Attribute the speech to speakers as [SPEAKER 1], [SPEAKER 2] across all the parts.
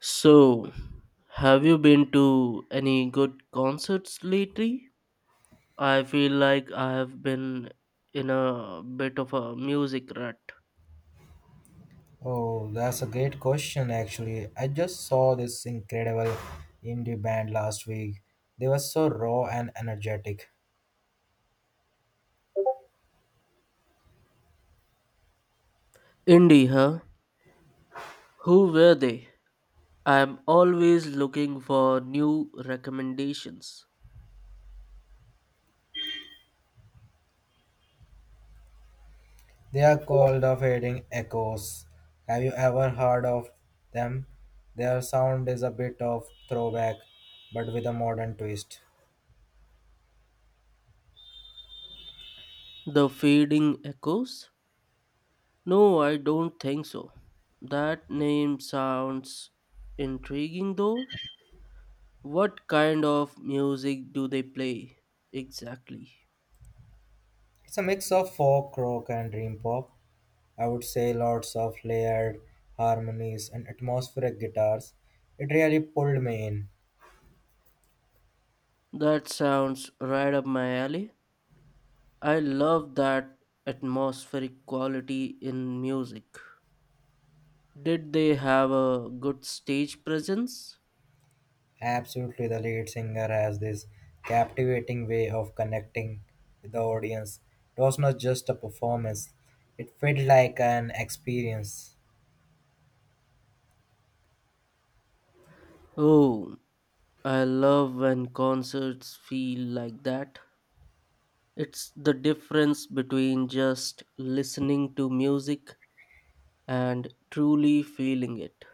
[SPEAKER 1] So, have you been to any good concerts lately? I feel like I have been in a bit of a music rut.
[SPEAKER 2] Oh, that's a great question, actually. I just saw this incredible indie band last week. They were so raw and energetic.
[SPEAKER 1] Indie, huh? Who were they? I'm always looking for new recommendations.
[SPEAKER 2] They are called the Fading Echoes. Have you ever heard of them? Their sound is a bit of throwback, but with a modern twist.
[SPEAKER 1] The Fading Echoes? No, I don't think so. That name sounds intriguing though. What kind of music do they play exactly?
[SPEAKER 2] It's a mix of folk, rock, and dream pop. I would say lots of layered harmonies and atmospheric guitars. It really pulled me in.
[SPEAKER 1] That sounds right up my alley. I love that atmospheric quality in music. Did they have a good stage presence?
[SPEAKER 2] Absolutely, the lead singer has this captivating way of connecting with the audience. It was not just a performance, it felt like an experience.
[SPEAKER 1] Oh, I love when concerts feel like that. It's the difference between just listening to music and truly feeling it.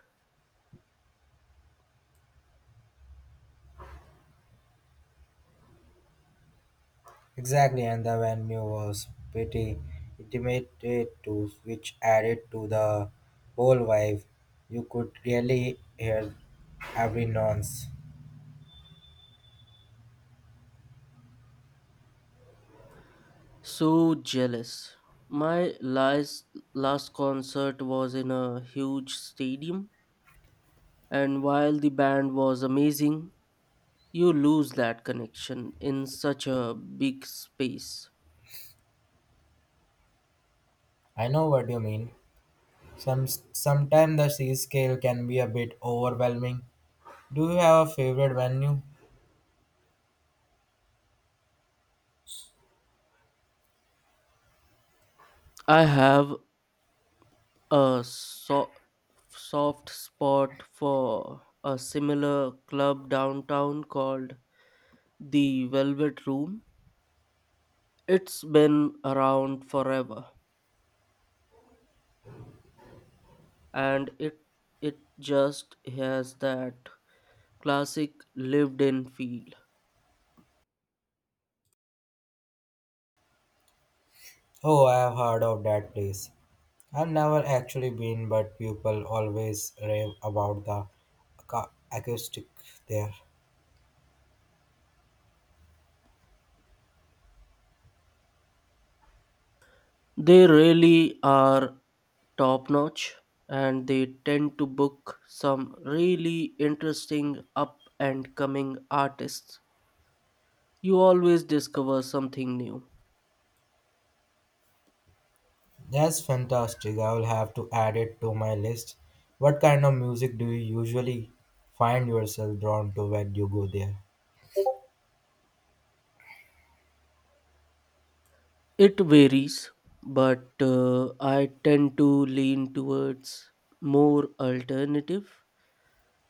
[SPEAKER 2] Exactly, and the venue was pretty intimate too, which added to the whole vibe. You could really hear every nuance.
[SPEAKER 1] So jealous. My last concert was in a huge stadium. And while the band was amazing, you lose that connection in such a big space.
[SPEAKER 2] I know what you mean. Sometimes the C scale can be a bit overwhelming. Do you have a favorite venue?
[SPEAKER 1] I have a soft spot for a similar club downtown called the Velvet Room. It's been around forever and it just has that classic lived in feel.
[SPEAKER 2] Oh, I have heard of that place. I've never actually been, but people always rave about the acoustic there.
[SPEAKER 1] They really are top notch and they tend to book some really interesting up and coming artists. You always discover something new.
[SPEAKER 2] That's fantastic. I will have to add it to my list. What kind of music do you usually find yourself drawn to when you go there?
[SPEAKER 1] It varies, but I tend to lean towards more alternative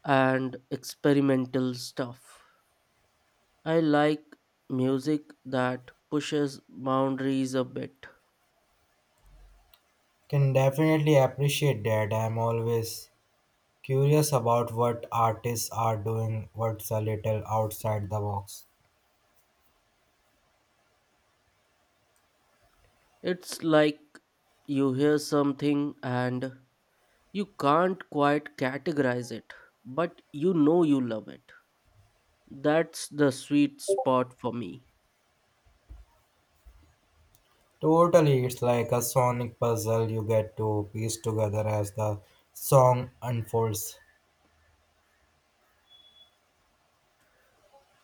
[SPEAKER 1] and experimental stuff. I like music that pushes boundaries a bit.
[SPEAKER 2] Can definitely appreciate that. I'm always curious about what artists are doing, what's a little outside the box.
[SPEAKER 1] It's like you hear something and you can't quite categorize it, but you know you love it. That's the sweet spot for me.
[SPEAKER 2] Totally, it's like a sonic puzzle you get to piece together as the song unfolds.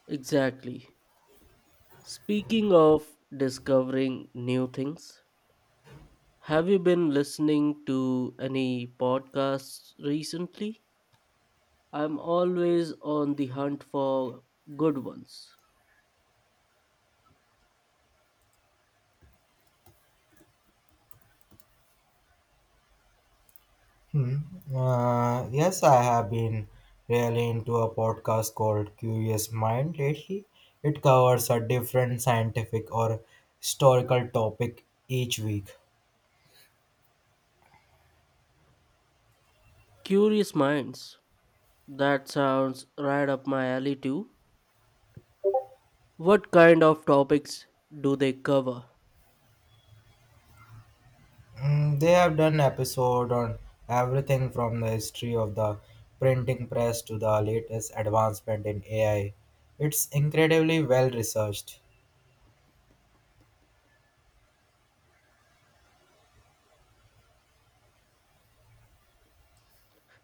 [SPEAKER 1] Exactly. Speaking of discovering new things, have you been listening to any podcasts recently? I'm always on the hunt for good ones.
[SPEAKER 2] Hmm. Yes, I have been really into a podcast called Curious Mind lately. It covers a different scientific or historical topic each week.
[SPEAKER 1] Curious Minds. That sounds right up my alley, too. What kind of topics do they cover?
[SPEAKER 2] They have done episode on everything from the history of the printing press to the latest advancement in AI. It's incredibly well researched.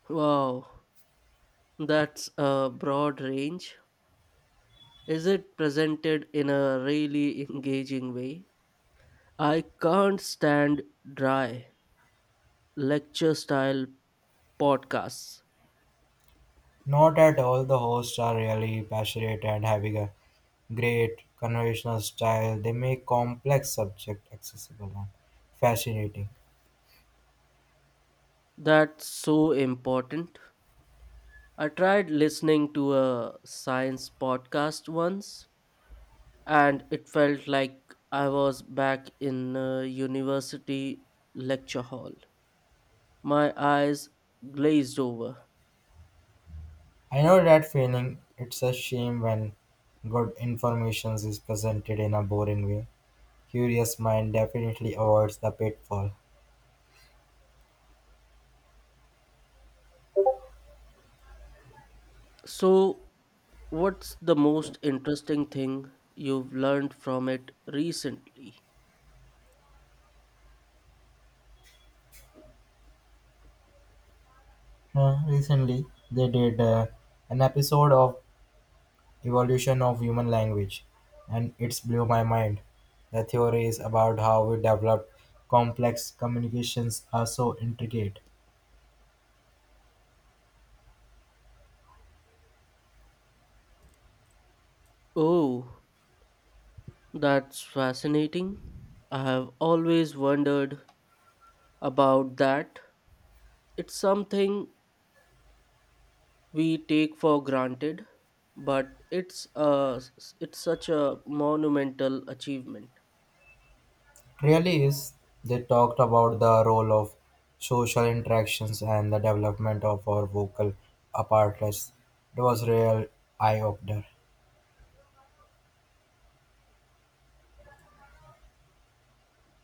[SPEAKER 1] Wow, that's a broad range. Is it presented in a really engaging way? I can't stand dry lecture style podcasts.
[SPEAKER 2] Not at all. The hosts are really passionate and having a great conversational style. They make complex subject accessible and fascinating.
[SPEAKER 1] That's so important. I tried listening to a science podcast once and it felt like I was back in a university lecture hall. My eyes glazed over.
[SPEAKER 2] I know that feeling. It's a shame when good information is presented in a boring way. Curious mind definitely avoids the pitfall.
[SPEAKER 1] So, what's the most interesting thing you've learned from it recently?
[SPEAKER 2] Recently, they did an episode of Evolution of Human Language, and it's blew my mind. The theory is about how we developed complex communications are so intricate.
[SPEAKER 1] Oh, that's fascinating. I have always wondered about that. It's something we take for granted, but it's such a monumental achievement.
[SPEAKER 2] Really is they talked about the role of social interactions and the development of our vocal apparatus. It was real eye opener.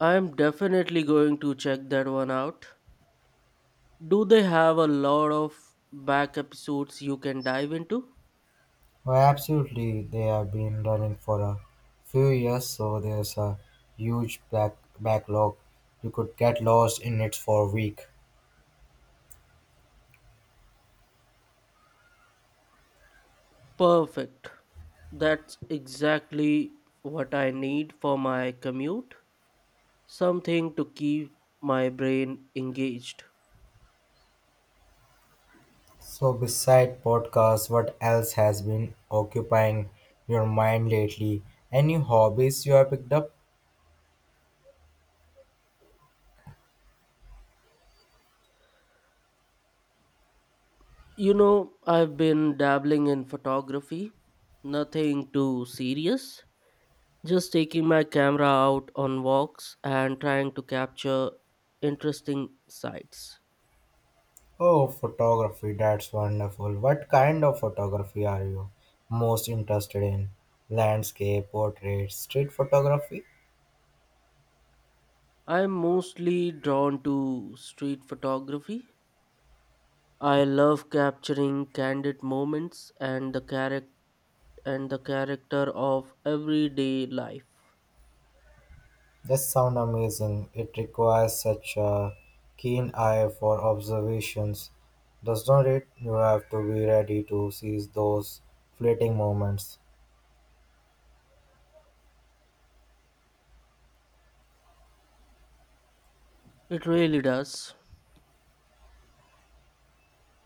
[SPEAKER 1] I'm definitely going to check that one out. Do they have a lot of back episodes you can dive into?
[SPEAKER 2] Well, absolutely, they have been running for a few years, so there's a huge backlog. You could get lost in it for a week.
[SPEAKER 1] Perfect. That's exactly what I need for my commute. Something to keep my brain engaged.
[SPEAKER 2] So, beside podcasts, what else has been occupying your mind lately? Any hobbies you have picked up?
[SPEAKER 1] You know, I've been dabbling in photography. Nothing too serious. Just taking my camera out on walks and trying to capture interesting sights.
[SPEAKER 2] Oh, photography, that's wonderful. What kind of photography are you most interested in? Landscape, portrait, street photography?
[SPEAKER 1] I'm mostly drawn to street photography. I love capturing candid moments and the character of everyday life.
[SPEAKER 2] That sounds amazing. It requires such a keen eye for observations, does not it? You have to be ready to seize those fleeting moments.
[SPEAKER 1] It really does.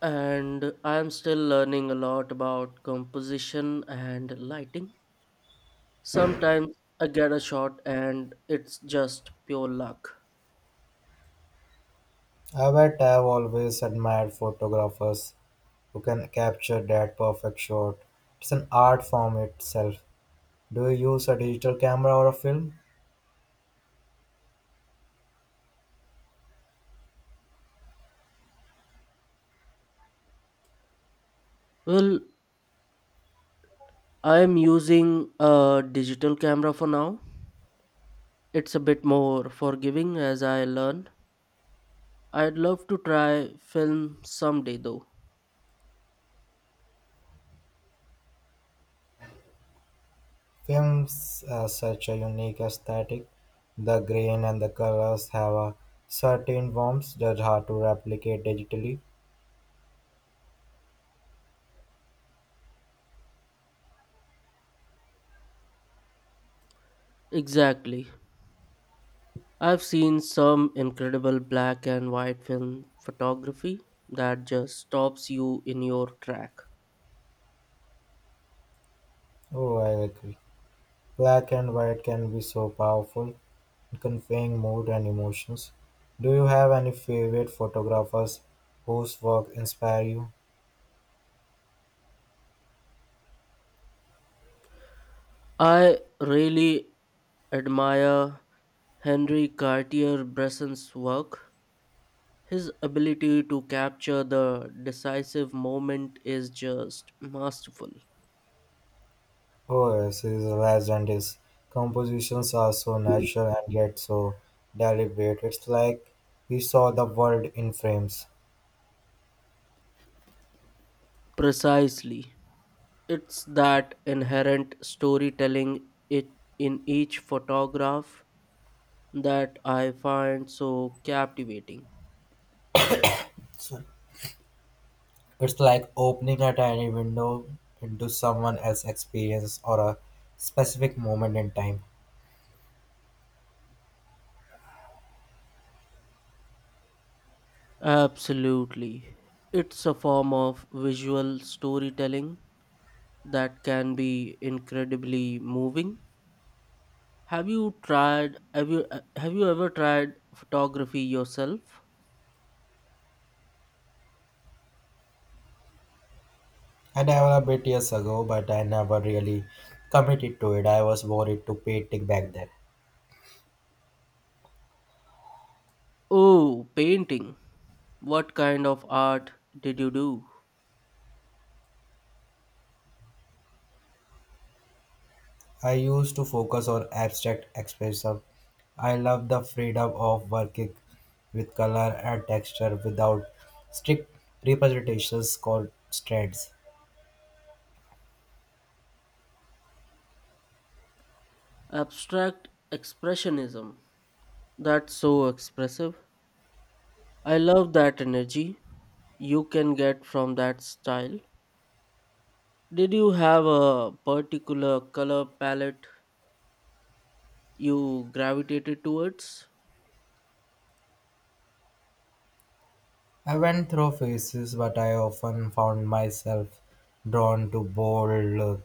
[SPEAKER 1] And I'm still learning a lot about composition and lighting. Sometimes I get a shot and it's just pure luck.
[SPEAKER 2] I bet I've always admired photographers who can capture that perfect shot. It's an art form itself. Do you use a digital camera or a film?
[SPEAKER 1] Well, I'm using a digital camera for now. It's a bit more forgiving as I learn. I'd love to try film someday though.
[SPEAKER 2] Films have such a unique aesthetic. The grain and the colors have a certain warmth that's hard to replicate digitally.
[SPEAKER 1] Exactly. I've seen some incredible black and white film photography that just stops you in your track.
[SPEAKER 2] Oh, I agree. Black and white can be so powerful in conveying mood and emotions. Do you have any favorite photographers whose work inspire you?
[SPEAKER 1] I really admire Henri Cartier-Bresson's work. His ability to capture the decisive moment is just masterful.
[SPEAKER 2] Oh, yes, his last and His compositions are so natural and yet so deliberate. It's like he saw the world in frames.
[SPEAKER 1] Precisely. It's that inherent storytelling it in each photograph that I find so captivating.
[SPEAKER 2] Sorry. It's like opening a tiny window into someone else's experience or a specific moment in time.
[SPEAKER 1] Absolutely. It's a form of visual storytelling that can be incredibly moving. Have you ever tried photography yourself?
[SPEAKER 2] I developed it years ago, but I never really committed to it. I was worried to painting back then.
[SPEAKER 1] Oh, painting. What kind of art did you do?
[SPEAKER 2] I used to focus on abstract expression. I love the freedom of working with color and texture without strict representations constraints.
[SPEAKER 1] Abstract expressionism. That's so expressive. I love that energy you can get from that style. Did you have a particular color palette you gravitated towards?
[SPEAKER 2] I went through phases, but I often found myself drawn to bold,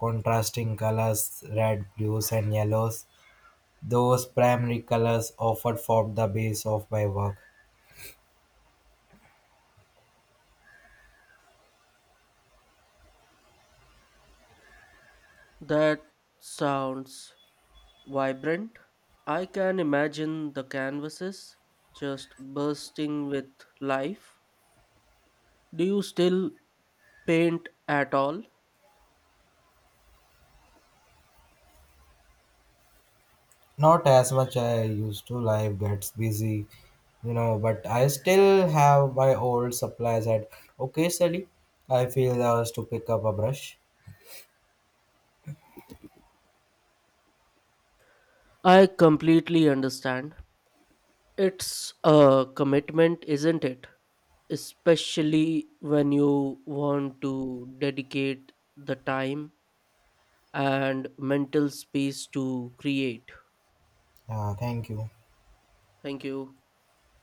[SPEAKER 2] contrasting colors, red, blues, and yellows. Those primary colors often formed the base of my work.
[SPEAKER 1] That sounds vibrant. I can imagine the canvases just bursting with life. Do you still paint at all?
[SPEAKER 2] Not as much I used to. Life gets busy, but I still have my old supplies at occasionally I feel the urge to pick up a brush.
[SPEAKER 1] I completely understand. It's a commitment, isn't it? Especially when you want to dedicate the time and mental space to create.
[SPEAKER 2] Yeah, thank you.
[SPEAKER 1] Thank you.